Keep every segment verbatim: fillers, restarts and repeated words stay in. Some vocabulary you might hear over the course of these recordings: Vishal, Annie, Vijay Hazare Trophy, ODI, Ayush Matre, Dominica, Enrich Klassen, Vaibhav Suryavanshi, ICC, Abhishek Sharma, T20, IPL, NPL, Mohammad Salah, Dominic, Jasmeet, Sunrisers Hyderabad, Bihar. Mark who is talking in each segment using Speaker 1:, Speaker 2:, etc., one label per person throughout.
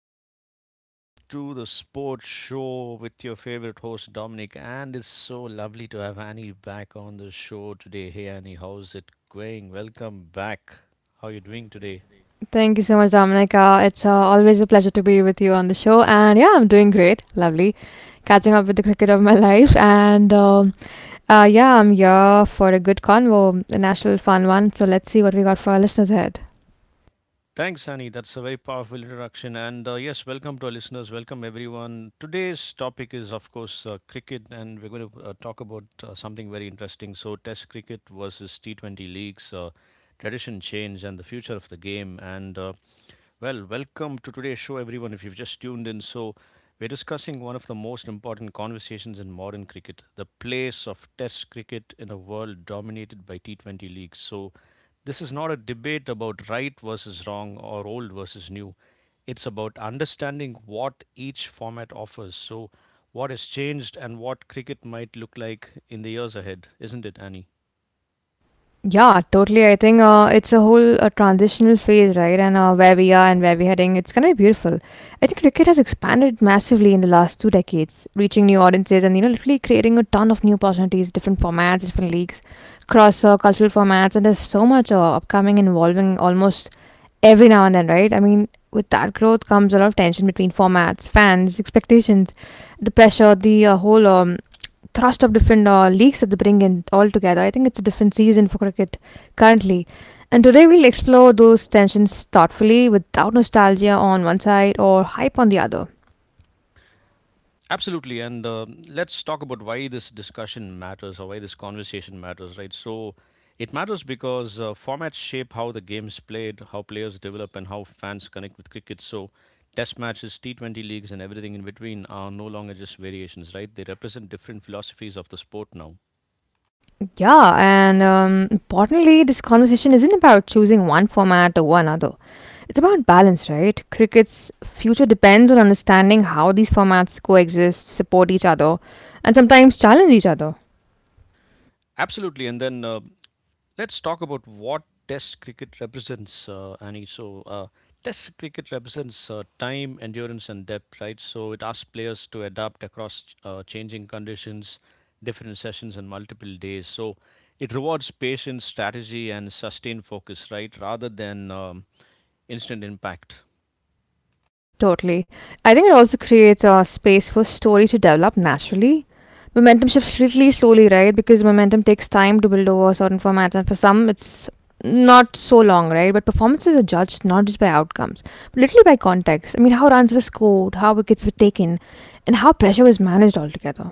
Speaker 1: evening and welcome to the sports show with your favorite host, Dominic. And it's so lovely to have Annie back on the show today. Hey, Annie, how's it going? Welcome back. How are you doing today?
Speaker 2: Thank you so much, Dominica. It's uh, always a pleasure to be with you on the show. And yeah, I'm doing great. Lovely. Catching up with the cricket of my life. And um, uh, Yeah, I'm here for a good convo, a national fun one. So let's see what we got for our listeners ahead.
Speaker 1: Thanks, Annie. That's a very powerful introduction. And uh, yes, welcome to our listeners. Welcome, everyone. Today's topic is, of course, uh, cricket, and we're going to uh, talk about uh, something very interesting. So, Test cricket versus T twenty leagues, uh, tradition change, and the future of the game. And uh, Well, welcome to today's show, everyone. If you've just tuned in, so We're discussing one of the most important conversations in modern cricket, the place of Test cricket in a world dominated by T twenty leagues. So, this is not a debate about right versus wrong or old versus new. It's about understanding what each format offers. So, what has changed and what cricket might look like in the years ahead, isn't it, Annie?
Speaker 2: Yeah, totally. I think uh, it's a whole uh, transitional phase, right? And uh, where we are and where we're heading, it's going to be beautiful. I think cricket has expanded massively in the last two decades, reaching new audiences and you know, literally creating a ton of new opportunities, different formats, different leagues, cross uh, cultural formats, and there's so much uh, upcoming and evolving almost every now and then, right? I mean, with that growth comes a lot of tension between formats, fans, expectations, the pressure, the uh, whole um, thrust of different uh, leagues that they bring in all together. I think it's a different season for cricket currently. And today we'll explore those tensions thoughtfully without nostalgia on one side or hype on the other.
Speaker 1: Absolutely. And uh, let's talk about why this discussion matters or why this conversation matters, right? So it matters because uh, formats shape how the game's played, how players develop, and how fans connect with cricket. So test matches, T twenty leagues, and everything in between are no longer just variations, right? They represent different philosophies of the sport now.
Speaker 2: Yeah, and um, importantly, this conversation isn't about choosing one format over another. It's about balance, right? Cricket's future depends on understanding how these formats coexist, support each other, and sometimes challenge each other.
Speaker 1: Absolutely. And then uh, Let's talk about what Test cricket represents, uh, Annie. So, uh, Test cricket represents uh, time, endurance, and depth, right? So, it asks players to adapt across ch- uh, changing conditions, different sessions, and multiple days. So, it rewards patience, strategy, and sustained focus, right? rather than um, instant impact.
Speaker 2: Totally. I think it also creates a space for stories to develop naturally. Momentum shifts really slowly, right? Because momentum takes time to build over certain formats, and for some, it's not so long, right? But performances are judged not just by outcomes, but little by context. I mean, how runs were scored, how wickets were taken, and how pressure was managed altogether.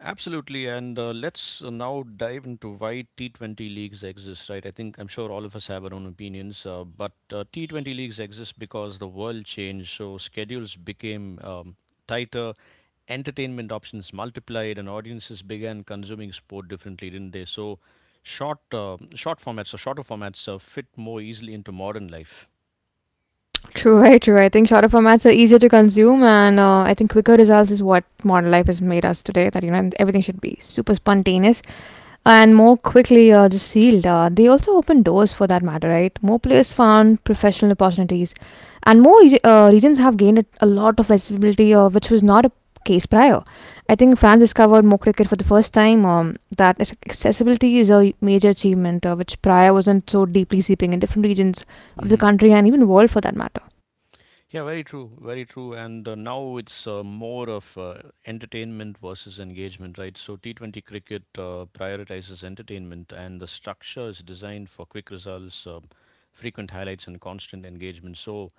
Speaker 1: Absolutely, and uh, let's uh, now dive into why T twenty leagues exist, right? I think I'm sure all of us have our own opinions, uh, but uh, T twenty leagues exist because the world changed, so schedules became um, tighter, entertainment options multiplied, and audiences began consuming sport differently, didn't they? So, short, uh, short formats or shorter formats uh, fit more easily into modern life.
Speaker 2: True, very true. I think shorter formats are easier to consume, and uh, I think quicker results is what modern life has made us today. That you know everything should be super spontaneous, and more quickly uh, just sealed. Uh, they also open doors for that matter, right? More players found professional opportunities, and more regi- uh, regions have gained a a lot of visibility, uh, which was not a case prior. I think fans discovered more cricket for the first time. Um, that is- accessibility is a major achievement, uh, which prior wasn't so deeply seeping in different regions of the country and even world for that matter.
Speaker 1: Yeah, very true, very true. And uh, now it's uh, more of uh, entertainment versus engagement, right? So T twenty cricket uh, prioritizes entertainment, and the structure is designed for quick results, uh, frequent highlights, and constant engagement. So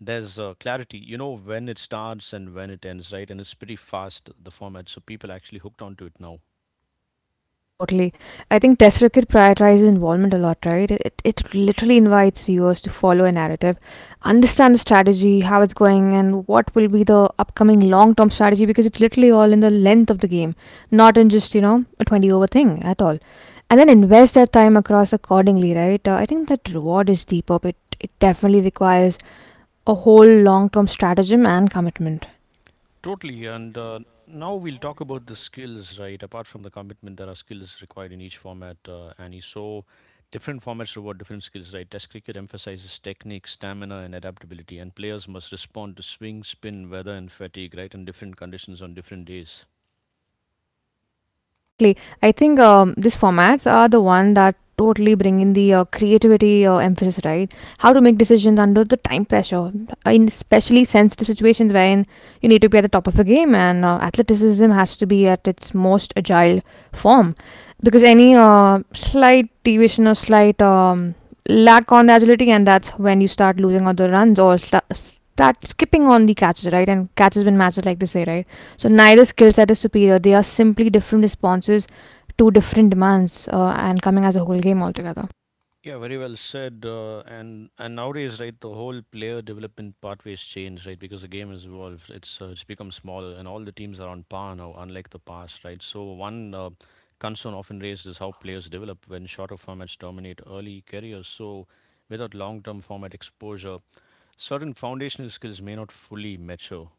Speaker 1: there's uh, clarity. You know when it starts and when it ends, right? And it's pretty fast, the format. So people are actually hooked onto it now.
Speaker 2: Totally. I think Test Cricket prioritizes involvement a lot, right? It, it it literally invites viewers to follow a narrative, understand the strategy, how it's going, and what will be the upcoming long term strategy because it's literally all in the length of the game, not in just, you know, a twenty over thing at all. And then invest that time across accordingly, right? Uh, I think that reward is deeper, but it, it definitely requires a whole long term stratagem and commitment.
Speaker 1: Totally. And uh, now we'll talk about the skills, right? Apart from the commitment, there are skills required in each format, uh, Annie. So different formats reward different skills, right? Test cricket emphasizes technique, stamina, and adaptability, and players must respond to swing, spin, weather, and fatigue, right? And different conditions on different days.
Speaker 2: Totally. I think um, these formats are the one that totally bring in the uh, creativity uh, emphasis, right? How to make decisions under the time pressure, Uh, in especially sensitive situations wherein you need to be at the top of a game and uh, athleticism has to be at its most agile form. Because any uh, slight deviation or slight um, lack on the agility, and that's when you start losing on the runs or sta- start skipping on the catches, right? And catches win matches, like they say, right? So neither skill set is superior. They are simply different responses to different demands uh, and coming as a whole game altogether.
Speaker 1: Yeah, very well said. Uh, and and nowadays, right, the whole player development pathways change, right, because the game has evolved. It's uh, it's become smaller, and all the teams are on par now, unlike the past, right. So one uh, concern often raised is how players develop when shorter formats dominate early careers. So without long-term format exposure, certain foundational skills may not fully mature.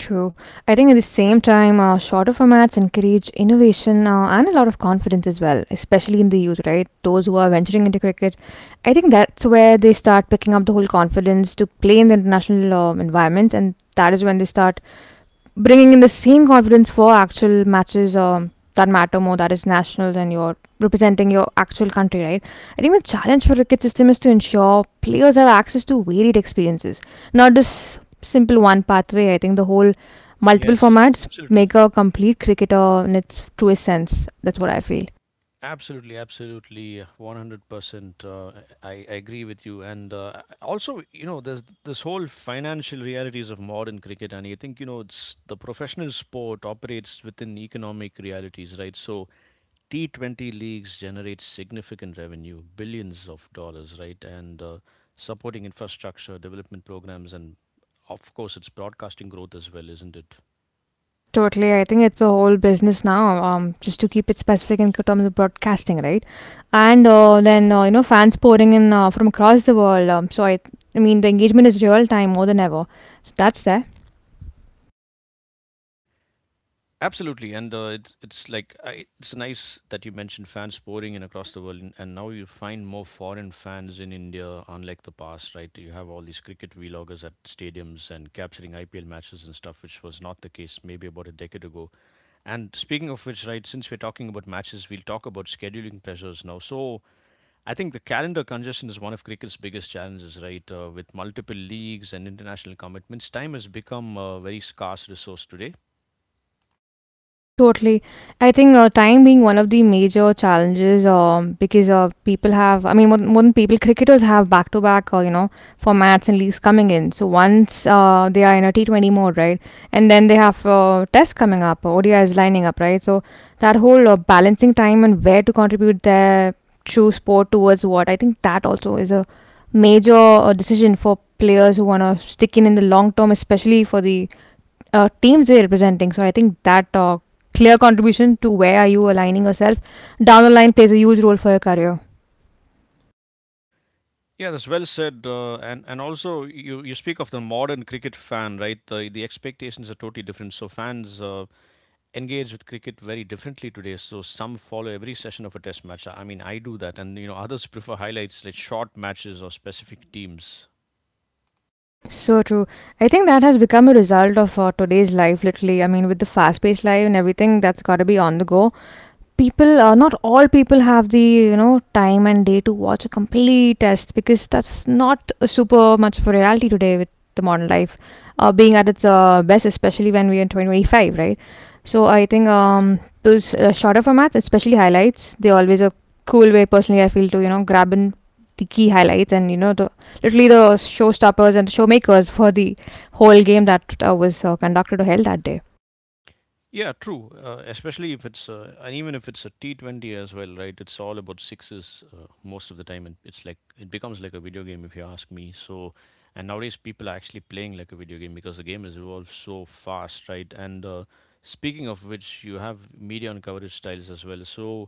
Speaker 2: True. I think at the same time, uh, shorter formats encourage innovation uh, and a lot of confidence as well, especially in the youth, right? Those who are venturing into cricket. I think that's where they start picking up the whole confidence to play in the international um, environments, and that is when they start bringing in the same confidence for actual matches um, that matter more, that is nationals and you're representing your actual country, right? I think the challenge for cricket system is to ensure players have access to varied experiences, not just simple one pathway. I think the whole multiple
Speaker 1: Yes,
Speaker 2: formats
Speaker 1: absolutely.
Speaker 2: make a complete cricketer in its truest sense. That's what I feel.
Speaker 1: Absolutely, absolutely, one hundred percent. Uh, I, I agree with you. And uh, also, you know, there's this whole financial realities of modern cricket. And I think, you know, it's the professional sport operates within economic realities, right? So T twenty leagues generate significant revenue, billions of dollars, right? And uh, supporting infrastructure, development programs, and of course, it's broadcasting growth as well, isn't it?
Speaker 2: Totally. I think it's a whole business now, um, just to keep it specific in terms of broadcasting, right? And uh, then, uh, you know, fans pouring in uh, from across the world. Um, so, I, I mean, the engagement is real time more than ever. So, that's there.
Speaker 1: Absolutely, and uh, it's it's like I, it's nice that you mentioned fans pouring in across the world, and, and now you find more foreign fans in India, unlike the past, right? You have all these cricket vloggers at stadiums and capturing I P L matches and stuff, which was not the case maybe about a decade ago. And speaking of which, right, since we're talking about matches, we'll talk about scheduling pressures now. So I think the calendar congestion is one of cricket's biggest challenges, right? Uh, with multiple leagues and international commitments, time has become a very scarce resource today.
Speaker 2: Totally. I think uh, time being one of the major challenges um, because uh, people have, I mean, more, than- more than people, cricketers have back to back, uh, you know, formats and leagues coming in. So once uh, they are in a T twenty mode, right? And then they have uh, tests coming up, O D I is lining up, right? So that whole uh, balancing time and where to contribute their true sport towards what, I think that also is a major uh, decision for players who want to stick in in the long term, especially for the uh, teams they're representing. So I think that uh, clear contribution to where are you aligning yourself down the line plays a huge role for your career.
Speaker 1: Yeah, that's well said. Uh, and and also, you you speak of the modern cricket fan, right? The the expectations are totally different. So fans uh, engage with cricket very differently today. So some follow every session of a test match. I mean, I do that, and you know, others prefer highlights like short matches or specific teams.
Speaker 2: So true. I think that has become a result of uh, today's life, literally. I mean, with the fast paced life and everything, that's got to be on the go. People uh, not all people have the you know time and day to watch a complete test because that's not super much of a reality today with the modern life uh, being at its uh, best, especially when we're in twenty twenty-five, right? So I think um, those uh, shorter formats, especially highlights, they always a cool way personally I feel to you know grab in the key highlights and you know the literally the showstoppers and showmakers for the whole game that uh, was uh, conducted or held that day.
Speaker 1: Yeah, true. Uh, especially if it's uh, and even if it's a T twenty as well, right? It's all about sixes uh, most of the time, and it's like it becomes like a video game if you ask me. So, and nowadays people are actually playing like a video game because the game has evolved so fast, right? And uh, speaking of which, you have media and coverage styles as well. So,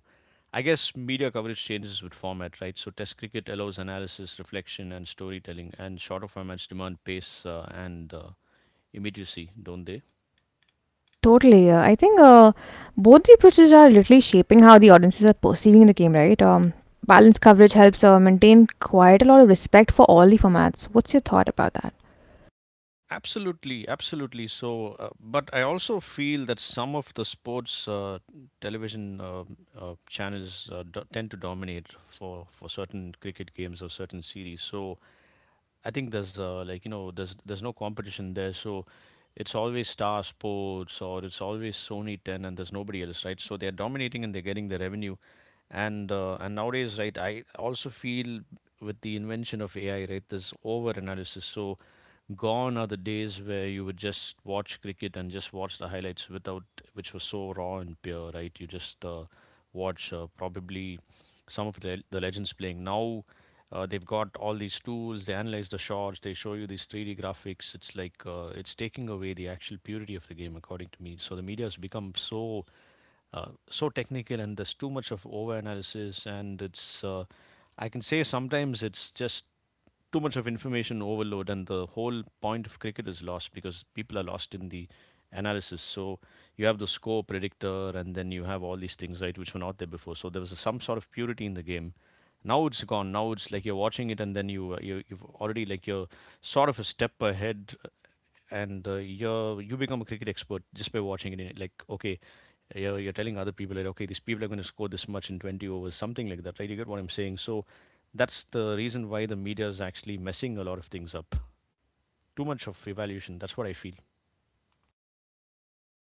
Speaker 1: I guess media coverage changes with format, right? So, Test cricket allows analysis, reflection, and storytelling, and shorter formats demand pace uh, and uh, immediacy, don't they?
Speaker 2: Totally. Uh, I think uh, both the approaches are literally shaping how the audiences are perceiving the game, right? Um, balanced coverage helps uh, maintain quite a lot of respect for all the formats. What's your thought about that?
Speaker 1: Absolutely, absolutely. So, uh, but I also feel that some of the sports uh, television uh, uh, channels uh, do- tend to dominate for for certain cricket games or certain series. So, I think there's uh, like you know there's there's no competition there. So, it's always Star Sports or it's always Sony ten, and there's nobody else, right? So they're dominating and they're getting the revenue, and uh, and nowadays, right, I also feel with the invention of AI, right, this over analysis. So gone are the days where you would just watch cricket and just watch the highlights without, which was so raw and pure, right? You just uh, watch uh, probably some of the, the legends playing now. Uh, they've got all these tools. They analyze the shots. They show you these three D graphics. It's like uh, it's taking away the actual purity of the game, according to me. So the media has become so uh, so technical, and there's too much of overanalysis, and it's uh, I can say sometimes it's just too much of information overload, and the whole point of cricket is lost because people are lost in the analysis. So you have the score predictor, and then you have all these things, right, which were not there before. So there was a, some sort of purity in the game. Now it's gone. Now it's like you're watching it, and then you, uh, you you've already, like, you're sort of a step ahead. And uh, you you become a cricket expert just by watching it. Like, okay, you're, you're telling other people that, okay, these people are going to score this much in twenty overs, something like that, right? You get what I'm saying? So that's the reason why the media is actually messing a lot of things up. Too much of evaluation. That's what I feel.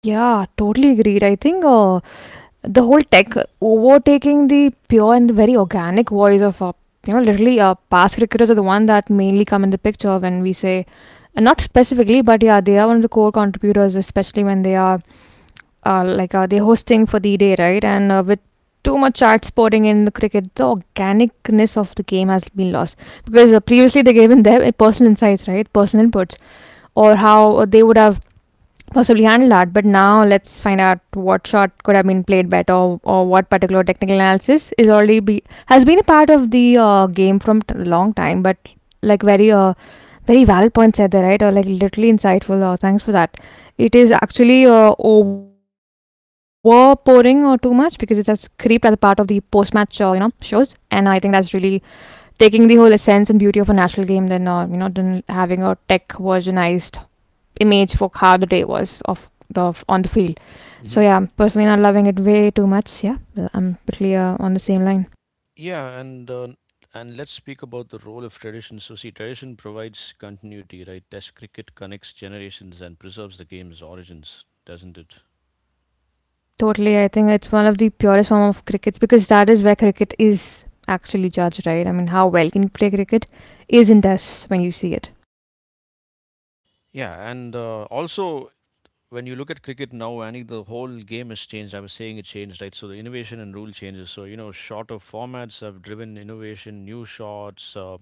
Speaker 2: Yeah, totally agreed. I think uh, the whole tech overtaking the pure and very organic voice of, uh, you know, literally uh, past cricketers are the one that mainly come in the picture when we say Uh, Not specifically, but yeah, they are one of the core contributors, especially when they are uh, like uh, they're hosting for the day, right? And uh, with too much charts sporting in the cricket, the organicness of the game has been lost because uh, previously they gave in their uh, personal insights, right? Personal inputs, or how uh, they would have possibly handle that. But now let's find out what shot could have been played better, or, or what particular technical analysis is already be has been a part of the uh, game from t- long time, but like very uh, very valid points said there, right? Or like literally insightful. Or thanks for that. It is actually uh, overpouring or too much because it has creeped as a part of the post-match, uh, you know, shows. And uh, I think that's really taking the whole essence and beauty of a national game than uh, you know than having a tech versionized image for how the day was of the of, on the field. So
Speaker 1: hmm
Speaker 2: yeah, personally not loving it way too much. Yeah, I'm pretty uh, on the same line.
Speaker 1: Yeah, and uh, and let's speak about the role of tradition. So, see, tradition provides continuity, right? Test cricket connects generations and preserves the game's origins, doesn't it?
Speaker 2: Totally. I think it's one of the purest form of crickets because that is where cricket is actually judged, right? I mean, how well can you play cricket is in this when you see it.
Speaker 1: Yeah, and uh, also when you look at cricket now, Annie, the whole game has changed. I was saying it changed, right? So the innovation and rule changes. So you know, shorter formats have driven innovation, new shots, uh,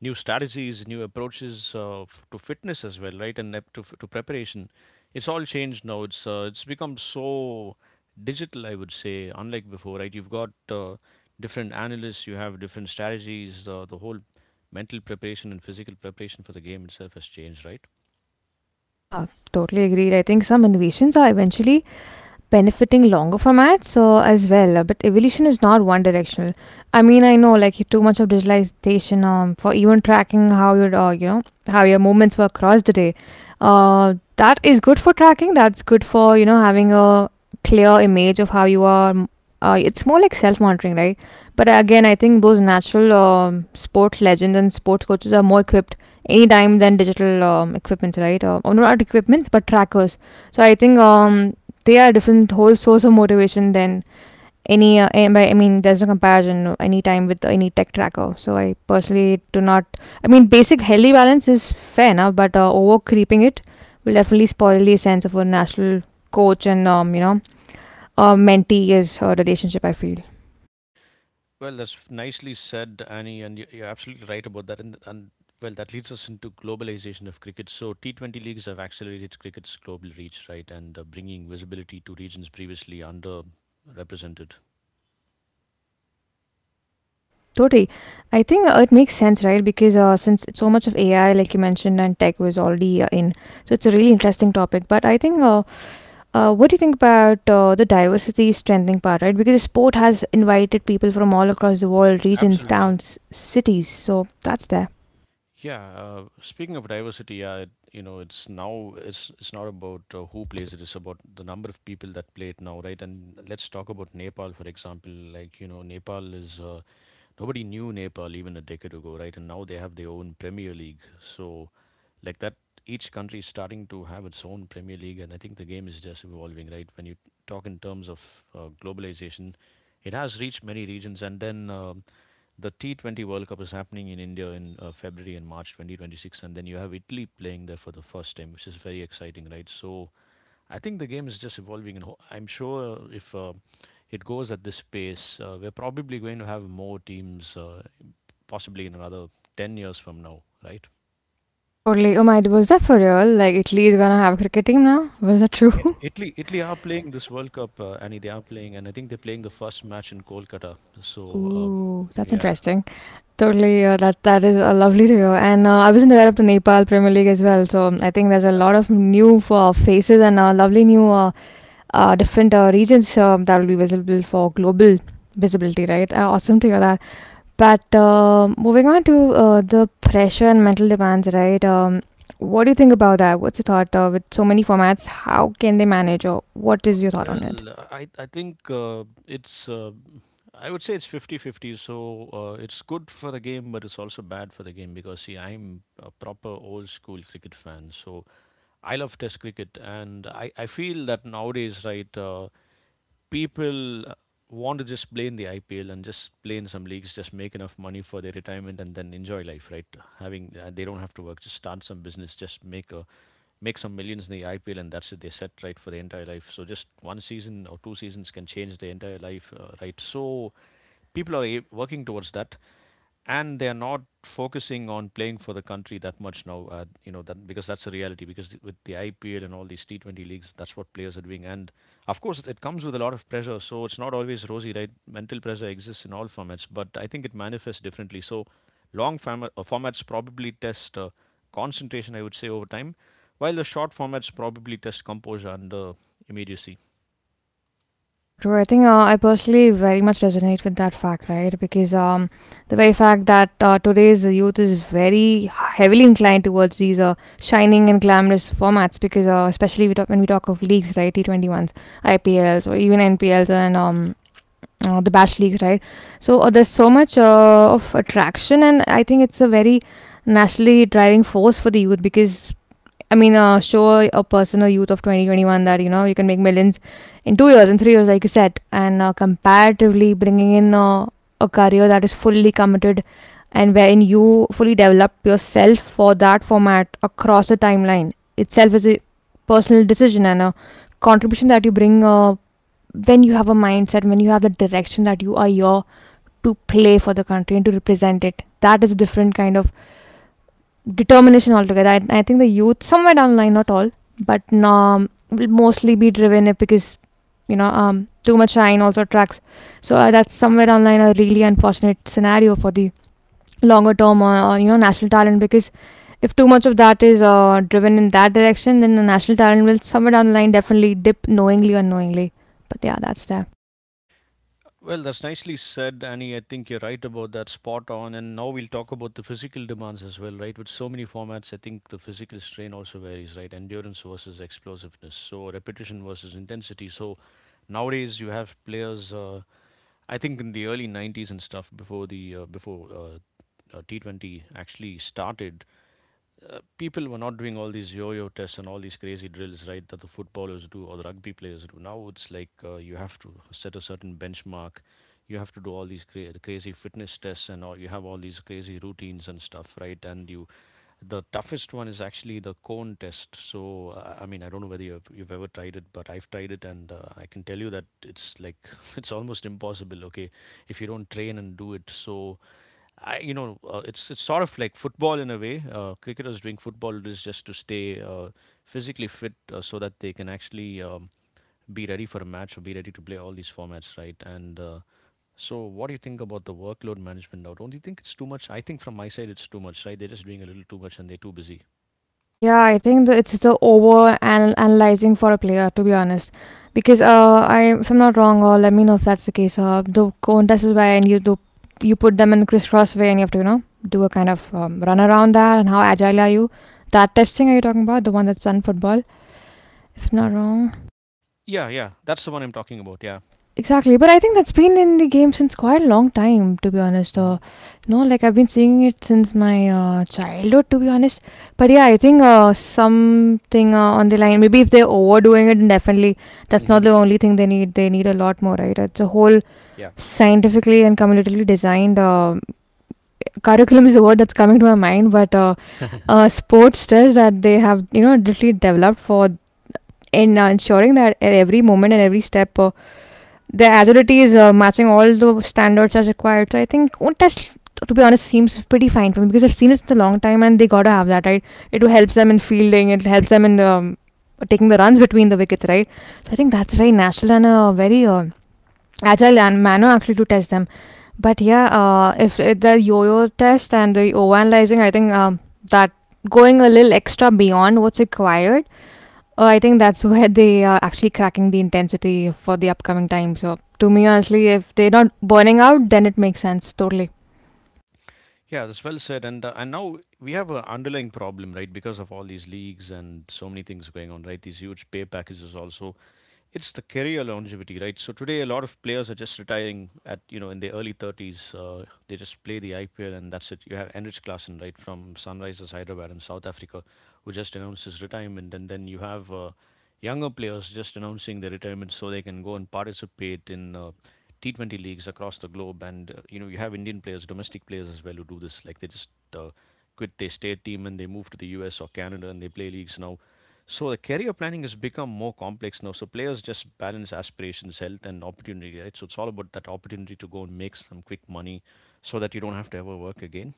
Speaker 1: new strategies, new approaches uh, f- to fitness as well, right? And ep- to f- to preparation, it's all changed now. It's uh, it's become so digital, I would say, unlike before, right? You've got uh, different analysts, you have different strategies. The the whole mental preparation and physical preparation for the game itself has changed, right?
Speaker 2: Yeah, totally agreed. I think some innovations are eventually benefiting longer formats uh, as well. Uh, But evolution is not one directional. I mean, I know like too much of digitalization um, for even tracking how your uh, you know how your movements were across the day. Uh, that is good for tracking. That's good for you know having a clear image of how you are. M- Uh, it's more like self monitoring, right? But again, I think those natural um, sport legends and sports coaches are more equipped any time than digital um, equipments, right? Uh, or not equipments, but trackers. So I think um, they are a different whole source of motivation than any uh, and by- i mean there's no comparison, no, any time with any tech tracker. So I personally do not, I mean, basic healthy balance is fair enough, but uh, over creeping it will definitely spoil the sense of a national coach and um you know uh, mentee is a relationship, I feel.
Speaker 1: Well, that's nicely said, Annie, and you- you're absolutely right about that. And, and well, that leads us into globalization of cricket. So, T twenty leagues have accelerated cricket's global reach, right, and uh, bringing visibility to regions previously underrepresented.
Speaker 2: Totally. I think uh, it makes sense, right? Because uh, since it's so much of AI like you mentioned and tech was already uh, in. So it's a really interesting topic, but I think uh, Uh, what do you think about uh, the diversity strengthening part, right? Because sport has invited people from all across the world, regions,
Speaker 1: Absolutely.
Speaker 2: towns, cities. So that's there.
Speaker 1: Yeah. Uh, speaking of diversity, yeah, it, you know, it's now it's it's not about uh, who plays it; it's about the number of people that play it now, right? And let's talk about Nepal, for example. Like, you know, Nepal is uh, nobody knew Nepal even a decade ago, right? And now they have their own Premier League. So, like that, each country is starting to have its own Premier League, and I think the game is just evolving, right? When you talk in terms of uh, globalization, it has reached many regions. And then um the T twenty World Cup is happening in India in uh, February and March twenty twenty-six, and then you have Italy playing there for the first time, which is very exciting, right? So, I think the game is just evolving, and ho- I'm sure if uh, it goes at this pace, uh, we're probably going to have more teams uh, possibly in another ten years from now, right?
Speaker 2: Totally. Oh my, was that for real? Like Italy is gonna have a cricket team now? Was that true?
Speaker 1: Yeah. Italy, Italy are playing this World Cup, uh, Annie. They are playing, and I think they're playing the first match in Kolkata. So, uh,
Speaker 2: Ooh, that's
Speaker 1: yeah,
Speaker 2: interesting. Totally. Uh, that that is uh, lovely to hear. And uh, I wasn't aware of the Nepal Premier League as well. So I think there's a
Speaker 1: yeah.
Speaker 2: lot of new uh, faces and uh, lovely new uh, uh, different uh, regions um, that will be visible for global visibility, right? Uh, awesome to hear that. But uh, moving on to uh, the pressure and mental demands, right? Um, what do you think about that? What's your thought uh, with so many formats? How can they manage, or what is your thought on it?
Speaker 1: Well, I, I think uh, it's, uh, I would say it's fifty-fifty. So uh, it's good for the game, but it's also bad for the game because, see, I'm a proper old school cricket fan. So I love Test cricket, and I, I feel that nowadays, right? Uh, people want to just play in the I P L and just play in some leagues, just make enough money for their retirement and then enjoy life, right? Having uh, They don't have to work, just start some business, just make a make some millions in the I P L and that's it. They set right for the entire life. So just one season or two seasons can change the entire life, uh, right? So people are a- working towards that and they're not focusing on playing for the country that much now. Uh, you know that because that's a reality. Because th- with the I P L and all these T twenty leagues, that's what players are doing. And of course, it comes with a lot of pressure. So it's not always rosy, right? Mental pressure exists in all formats, but I think it manifests differently. So long forma- uh, formats probably test uh, concentration, I would say, over time, while the short formats probably test composure and uh, immediacy.
Speaker 2: So true. I think uh, I personally very much resonate with that fact, right? Because um, the very fact that uh, today's youth is very heavily inclined towards these uh, shining and glamorous formats, because uh, especially we talk, when we talk of leagues, right? T Twenty ones, I P Ls, or even N P Ls and um, uh, the bash league, right? So uh, there's so much uh, of attraction, and I think it's a very nationally driving force for the youth because I mean, uh, show a person, a youth of twenty twenty-one, that you know you can make millions in two years, in three years, like you said, and uh, comparatively bringing in uh, a career that is fully committed and wherein you fully develop yourself for that format across the timeline itself is a personal decision and a contribution that you bring uh, when you have a mindset, when you have the direction that you are here to play for the country and to represent it. That is a different kind of determination altogether. I, I think the youth, somewhere down the line, not all, but um, will mostly be driven because you know um, too much shine also attracts. So uh, that's somewhere down the line a really unfortunate scenario for the longer term uh, uh, you know, national talent, because if too much of that is uh, driven in that direction, then the national talent will somewhere down the line definitely dip knowingly or unknowingly. But yeah, that's there.
Speaker 1: Well, that's nicely said, Annie. I think you're right about that, spot on. And now we'll talk about the physical demands as well, right? With so many formats, I think the physical strain also varies, right? Endurance versus explosiveness, so repetition versus intensity. So nowadays you have players. Uh, I think in the early nineties and stuff, before the uh, before uh, uh, T twenty actually started, uh, people were not doing all these yo-yo tests and all these crazy drills, right? That the footballers do or the rugby players do. Now it's like uh, you have to set a certain benchmark. You have to do all these cra- crazy fitness tests and all. You have all these crazy routines and stuff, right? And you, the toughest one is actually the cone test. So uh, I mean, I don't know whether you've, you've ever tried it, but I've tried it, and uh, I can tell you that it's like it's almost impossible. Okay, if you don't train and do it, so I, you know, uh, it's it's sort of like football in a way. Uh, cricketers doing football is just to stay uh, physically fit, uh, so that they can actually um, be ready for a match or be ready to play all these formats, right? And uh, so, what do you think about the workload management now? Don't you think it's too much? I think from my side, it's too much, right? They're just doing a little too much and they're too busy.
Speaker 2: Yeah, I think that it's the over and analyzing for a player, to be honest. Because uh, I, if I'm not wrong, or let me know if that's the case. Uh, the contest is where you do, you put them in crisscross way, and you have to, you know, do a kind of um, run around that. And how agile are you? That testing are you talking about? The one that's done football, if I'm not wrong.
Speaker 1: Yeah, yeah, that's the one I'm talking about. Yeah.
Speaker 2: Exactly, but I think that's been in the game since quite a long time, to be honest.
Speaker 1: Hmm.
Speaker 2: Uh, no, like I've been seeing it since my uh, childhood, to be honest. But yeah, I think uh, something uh, on the line. Maybe if they're overdoing it, definitely that's not
Speaker 1: Hmm.
Speaker 2: the only thing they need. They need a lot more, right? It's a whole
Speaker 1: Yeah.
Speaker 2: scientifically and communitally designed um curriculum is a word that's coming to my mind, but uh, uh, sports does that. They have, you know, literally developed for in uh, ensuring that at every moment and every step uh, their agility is uh, matching all the standards as required. So I think code test, to be honest, seems pretty fine for me because I've seen it in a long time and they gotta have that, right? It helps them in fielding. It helps them in um, taking the runs between the wickets, right? So I think that's very natural and a very uh, agile and manner actually to test them. But yeah, uh, if uh, the yo-yo test and the overanalyzing, I think um, that going a little extra beyond what's required. Oh, I think that's where they are actually cracking the intensity for the upcoming time. So, to me, honestly, if they're not burning out, then it makes sense totally.
Speaker 1: Yeah, that's well said. And uh, and now we have an underlying problem, right? Because of all these leagues and so many things going on, right? These huge pay packages also. It's the career longevity, right? So today, a lot of players are just retiring at you know in their early thirties. Uh, they just play the I P L and that's it. You have Enrich Klassen, right, from Sunrisers Hyderabad in South Africa, who just announced his retirement, and then you have uh, younger players just announcing their retirement so they can go and participate in uh, T twenty leagues across the globe. And uh, you know, you have Indian players, domestic players as well, who do this. Like they just uh, quit their state team and they move to the U S or Canada and they play leagues now. So the career planning has become more complex now. So players just balance aspirations, health, and opportunity, right? So it's all about that opportunity to go and make some quick money, so that you don't have to ever work again.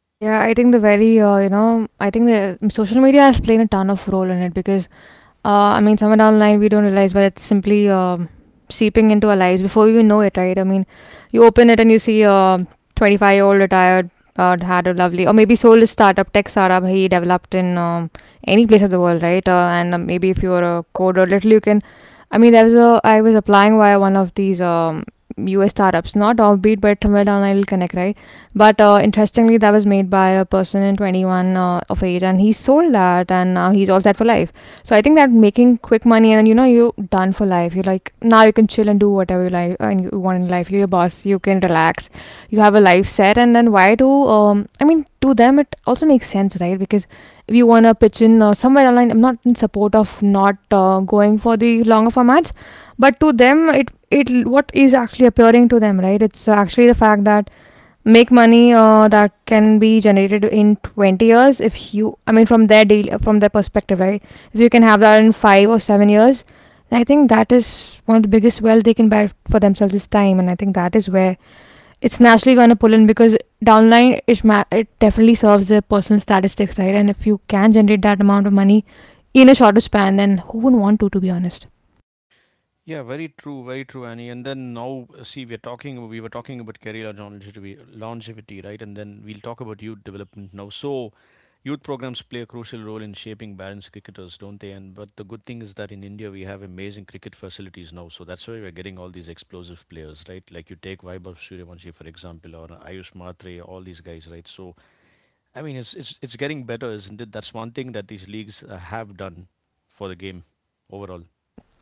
Speaker 2: Yeah, I think the very, uh, you know, I think the social media has played a ton of role in it because uh, I mean, somewhere down the line, we don't realize, but it's simply um seeping into our lives before we even know it, right? I mean, you open it and you see a twenty-five year old retired, uh, had a lovely, or maybe sold his startup, tech startup he developed in um, any place of the world, right? Uh, and uh, maybe if you're a coder, little you can. I mean, there was a, I was applying via one of these um, U S startups, not offbeat, but somewhere down the line, will connect, right? But uh, interestingly, that was made by a person in twenty-one uh, of age, and he sold that, and now he's all set for life. So I think that making quick money and then, you know, you're done for life. You're like, now you can chill and do whatever you like uh, and you want in life. You're your boss. You can relax. You have a life set. And then why do um I mean, to them it also makes sense, right? Because if you want to pitch in uh, somewhere online, I'm not in support of not uh, going for the longer formats, but to them, it it what is actually appearing to them, right. It's actually the fact that make money uh, that can be generated in twenty years if you, I mean, from their deal, from their perspective, right, if you can have that in five or seven years, I think that is one of the biggest wealth they can buy for themselves is time, and I think that is where it's naturally going to pull in because downline it, ma- it definitely serves their personal statistics, right. And if you can generate that amount of money in a shorter span, then who wouldn't want to to be honest.
Speaker 1: Yeah, very true, very true, Annie. And then now, uh, see, we're talking, we were talking about career longevity, longevity, right? And then we'll talk about youth development now. So, youth programs play a crucial role in shaping balanced cricketers, don't they? And but the good thing is that in India we have amazing cricket facilities now, so that's why we're getting all these explosive players, right? Like you take Vaibhav Suryavanshi for example, or Ayush Matre, all these guys, right? So, I mean, it's it's it's getting better, isn't it? That's one thing that these leagues uh, have done for the game overall.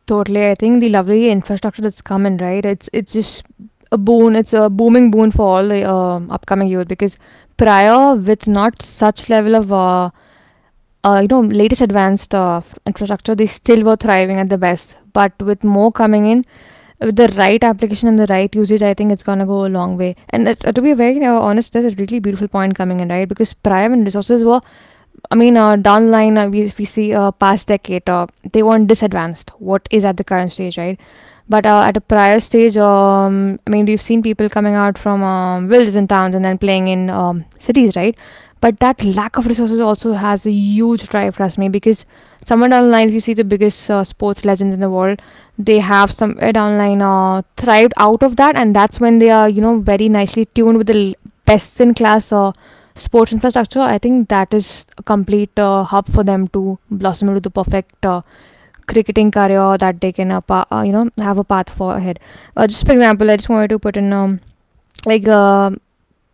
Speaker 2: Totally. I think the lovely infrastructure that's coming, right? It's it's just a boon. It's a booming boon for all the um upcoming youth because prior with not such level of uh, uh, you know, latest advanced uh, f- infrastructure, they still were thriving at the best, but with more coming in with the right application and the right usage, I think it's going to go a long way. And uh, to be very uh, honest, there's a really beautiful point coming in, right? Because prior when resources were, I mean, uh, down the line, uh, we, we see uh, past decade, uh, they weren't disadvantaged. What is at the current stage, right? But uh, at a prior stage, um, I mean, we've seen people coming out from um, villages and towns and then playing in um, cities, right? But that lack of resources also has a huge drive, trust me, because somewhere down the line, if you see the biggest uh, sports legends in the world, they have somewhere down the line uh, thrived out of that, and that's when they are, you know, very nicely tuned with the best in class uh, sports infrastructure. I think that is a complete uh, hub for them to blossom into the perfect uh, cricketing career that they can, uh, pa- uh, you know, have a path for ahead. Uh, just for example, I just wanted to put in, um, like, um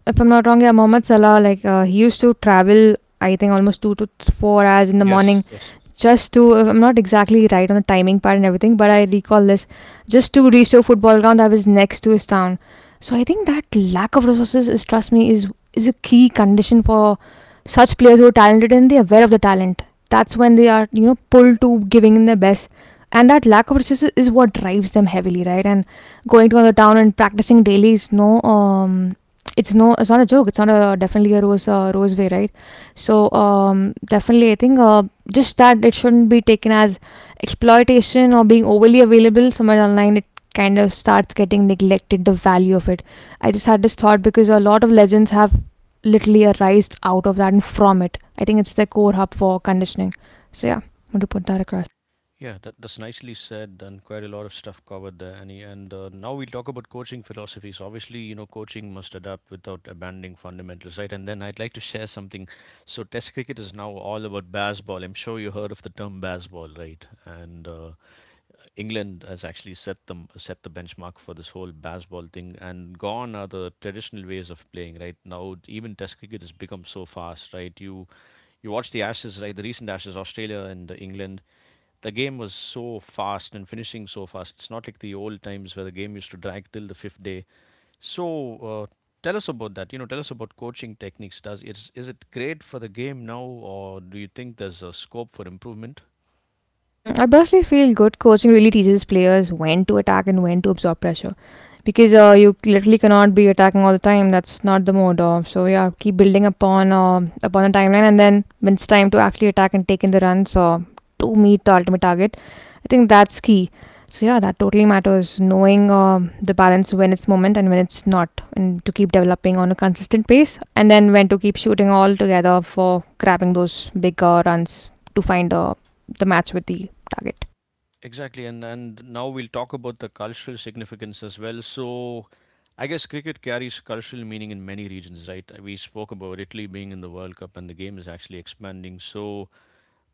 Speaker 2: if I'm not wrong, yeah, Mohammad Salah, like, uh, he used to travel, I think, almost two to four hours in the
Speaker 1: Yes,
Speaker 2: morning
Speaker 1: yes.
Speaker 2: just to, if I'm not exactly right on the timing part and everything, but I recall this, just to reach to a football ground that was next to his town. So I think that lack of resources is, trust me, is is a key condition for such players who are talented and they're aware of the talent. That's when they are, you know, pulled to giving their best. And that lack of resources is what drives them heavily, right? And going to another town and practicing daily is no, um, it's no, it's not a joke. It's not a definitely a rose, uh, rose way, right? So um, definitely, I think uh, just that it shouldn't be taken as exploitation or being overly available somewhere online. It kind of starts getting neglected the value of it. I just had this thought because a lot of legends have literally arised out of that and from it. I think it's the core hub for conditioning. So yeah, I'm going to put that across.
Speaker 1: Yeah, that, that's nicely said, and quite a lot of stuff covered there, Annie. And uh, now we'll talk about coaching philosophies. Obviously, you know, coaching must adapt without abandoning fundamentals, right? And then I'd like to share something. So Test cricket is now all about baseball. I'm sure you heard of the term baseball, right? And uh, England has actually set them set the benchmark for this whole baseball thing. And gone are the traditional ways of playing, right? Now even Test cricket has become so fast, right? You you watch the Ashes, right? The recent Ashes, Australia and England, the game was so fast and finishing so fast. It's not like the old times where the game used to drag till the fifth day. So uh, tell us about that. You know, tell us about coaching techniques. Does it's is it great for the game now, or do you think there's a scope for improvement?
Speaker 2: Mm, I personally feel good coaching really teaches players when to attack and when to absorb pressure, because uh, you literally cannot be attacking all the time. That's not the mode. Of. So yeah, keep building upon uh, upon a timeline, and then when it's time to actually attack and take in the runs or to meet the ultimate target, I think that's key. So yeah, that totally matters. Knowing um the balance when it's moment and when it's not, and to keep developing on a consistent pace, and then when to keep shooting all together for grabbing those bigger runs to find a the match with the target.
Speaker 1: Exactly, and and now we'll talk about the cultural significance as well. So, I guess cricket carries cultural meaning in many regions, right? We spoke about Italy being in the World Cup, and the game is actually expanding. So,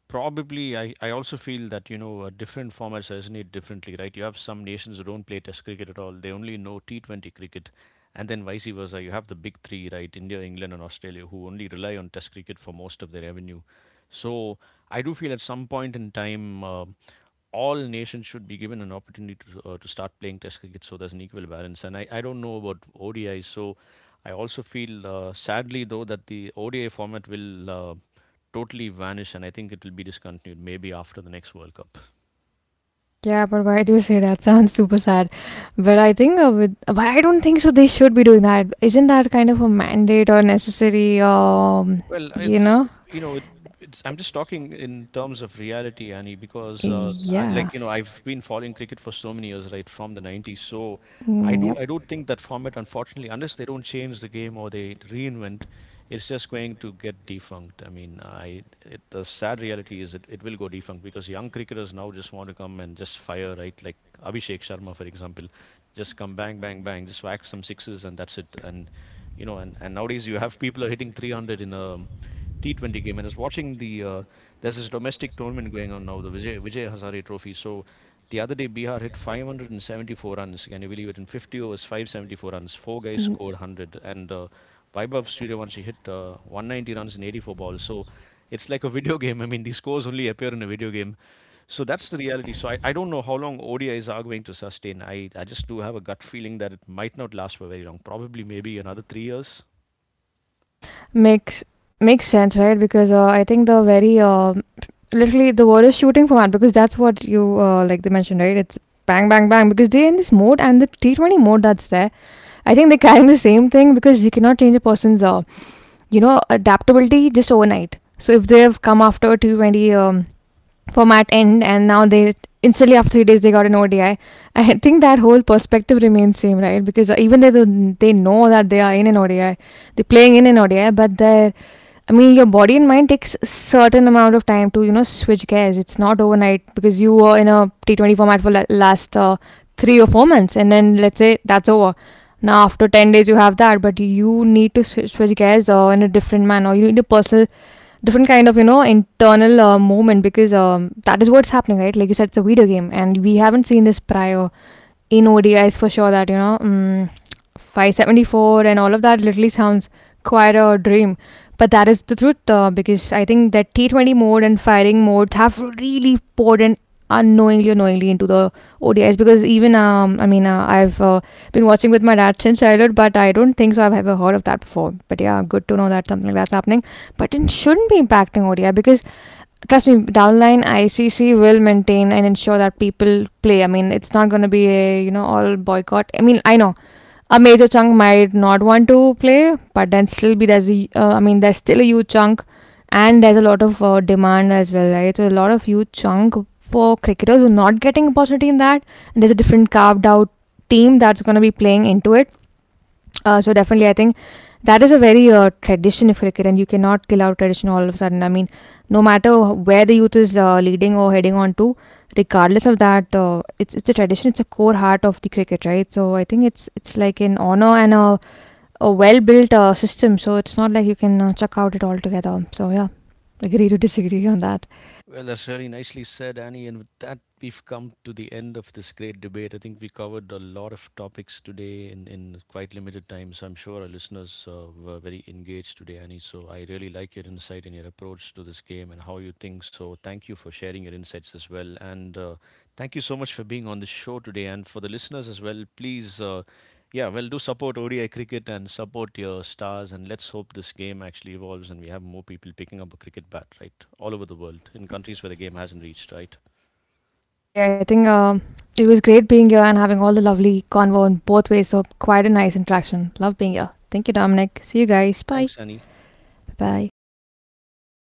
Speaker 1: probably I, I also feel that you know uh, different formats resonate differently, right? You have some nations who don't play Test cricket at all. They only know T twenty cricket. And then vice versa, you have the big three, right? India, England, and Australia, who only rely on Test cricket for most of their revenue. So I do feel at some point in time, um all nations should be given an opportunity to, uh, to start playing Test cricket so there's an equal balance. And i, I don't know about ODI. So I also feel, uh, sadly though, that the ODI format will uh, totally vanish. And I think it will be discontinued maybe after the next World Cup.
Speaker 2: Mm, yeah, but why do you say that? Sounds super sad. But I think uh, with but I don't think so. They should be doing that. Isn't that kind of a mandate or necessary? Um,
Speaker 1: Well,
Speaker 2: you
Speaker 1: it's
Speaker 2: know?
Speaker 1: you know, it, it's I'm just talking in terms of reality, Annie, because uh, I, like
Speaker 2: Yeah.
Speaker 1: you know, I've been following cricket for so many years, right, from the nineties. So I
Speaker 2: Mm,
Speaker 1: do
Speaker 2: yeah.
Speaker 1: I do think that format, unfortunately, unless they don't change the game or they reinvent, it's just going to get defunct. I mean, I it, the sad reality is it, it will go defunct because young cricketers now just want to come and just fire, right? Like Abhishek Sharma, for example, just come bang, bang, bang, just whack some sixes and that's it. And you know, and, and nowadays you have people are hitting three hundred in a T twenty game, and I was watching the uh, there's this domestic tournament going on now, the Vijay Vijay Hazare Trophy. So the other day Bihar hit five hundred seventy-four runs. Can you believe it? In fifty overs, five hundred seventy-four runs. Four guys scored one hundred, and uh, Vaibhav Suryavanshi hit uh, one hundred ninety runs in eighty-four balls. So it's like a video game. I mean, these scores only appear in a video game. So that's the reality. So I, I don't know how long O D Is are going to sustain. I, I just do have a gut feeling that it might not last for very long. Probably maybe another three years.
Speaker 2: Mm, makes makes sense, right? Because uh, I think the very uh, literally the word is shooting for man because that's what you uh, like they mentioned, right? It's bang, bang, bang because they're in this mode and the T twenty mode that's there. I think they're carrying the same thing because you cannot change a person's uh, you know adaptability just overnight. So if they have come after T twenty um format end and now they instantly after three days they got an O D I. I I think that whole perspective remains same, right? Because even though they know that they are in an O D I, they're playing in an O D I, but they're I mean, your body and mind takes certain amount of time to you know switch gears. It's not overnight because you were in a T twenty format for la- last uh, three or four months, and then let's say that's over. Now after ten days you have that, but you need to switch, switch gears uh, in a different manner. You need a personal different kind of you know internal uh, movement because um, that is what's happening, right? Like you said, it's a video game and we haven't seen this prior in ODIs for sure. That you know um, five seventy-four and all of that literally sounds quite a dream, but that is the truth, uh, because I think that T twenty mode and firing modes have really poured in unknowingly or knowingly into the O D Is because even um I mean uh, I've uh, been watching with my dad since childhood, but I don't think so I've ever heard of that before. But yeah, good to know that something like that's happening. But it shouldn't be impacting O D I because trust me, downline I C C will maintain and ensure that people play. I mean, it's not going to be a you know all boycott. I mean, I know a major chunk might not want to play, but then still be there's a uh, I mean there's still a huge chunk, and there's a lot of uh, demand as well, right? So a lot of huge chunk for cricketers who are not getting opportunity in that, and there's a different carved out team that's going to be playing into it. Uh, so definitely, I think that is a very uh, tradition if you like, it, and you cannot kill out tradition all of a sudden. I mean, no matter where the youth is uh, leading or heading on to, regardless of that, uh, it's it's a tradition. It's a core heart of the cricket, right? So I think it's it's like an honor and a, a well built uh, system. So it's not like you can uh, chuck out it altogether. So yeah, agree to disagree on that.
Speaker 1: Well, that's really nicely said, Annie. And with that, we've come to the end of this great debate. I think we covered a lot of topics today in, in quite limited time. So I'm sure our listeners uh, were very engaged today, Annie. So I really like your insight and your approach to this game and how you think. So thank you for sharing your insights as well. And uh, thank you so much for being on the show today. And for the listeners as well, please. Uh, yeah, well, do support O D I cricket and support your stars, and let's hope this game actually evolves and we have more people picking up a cricket bat, right? All over the world, in countries where the game hasn't reached, right?
Speaker 2: Totally, I think um, it was great being here and having all the lovely convo in both ways. So quite a nice interaction. Love being here. Thank you, Dominic. See you guys. Bye.
Speaker 1: Thanks, Annie.
Speaker 2: Bye bye.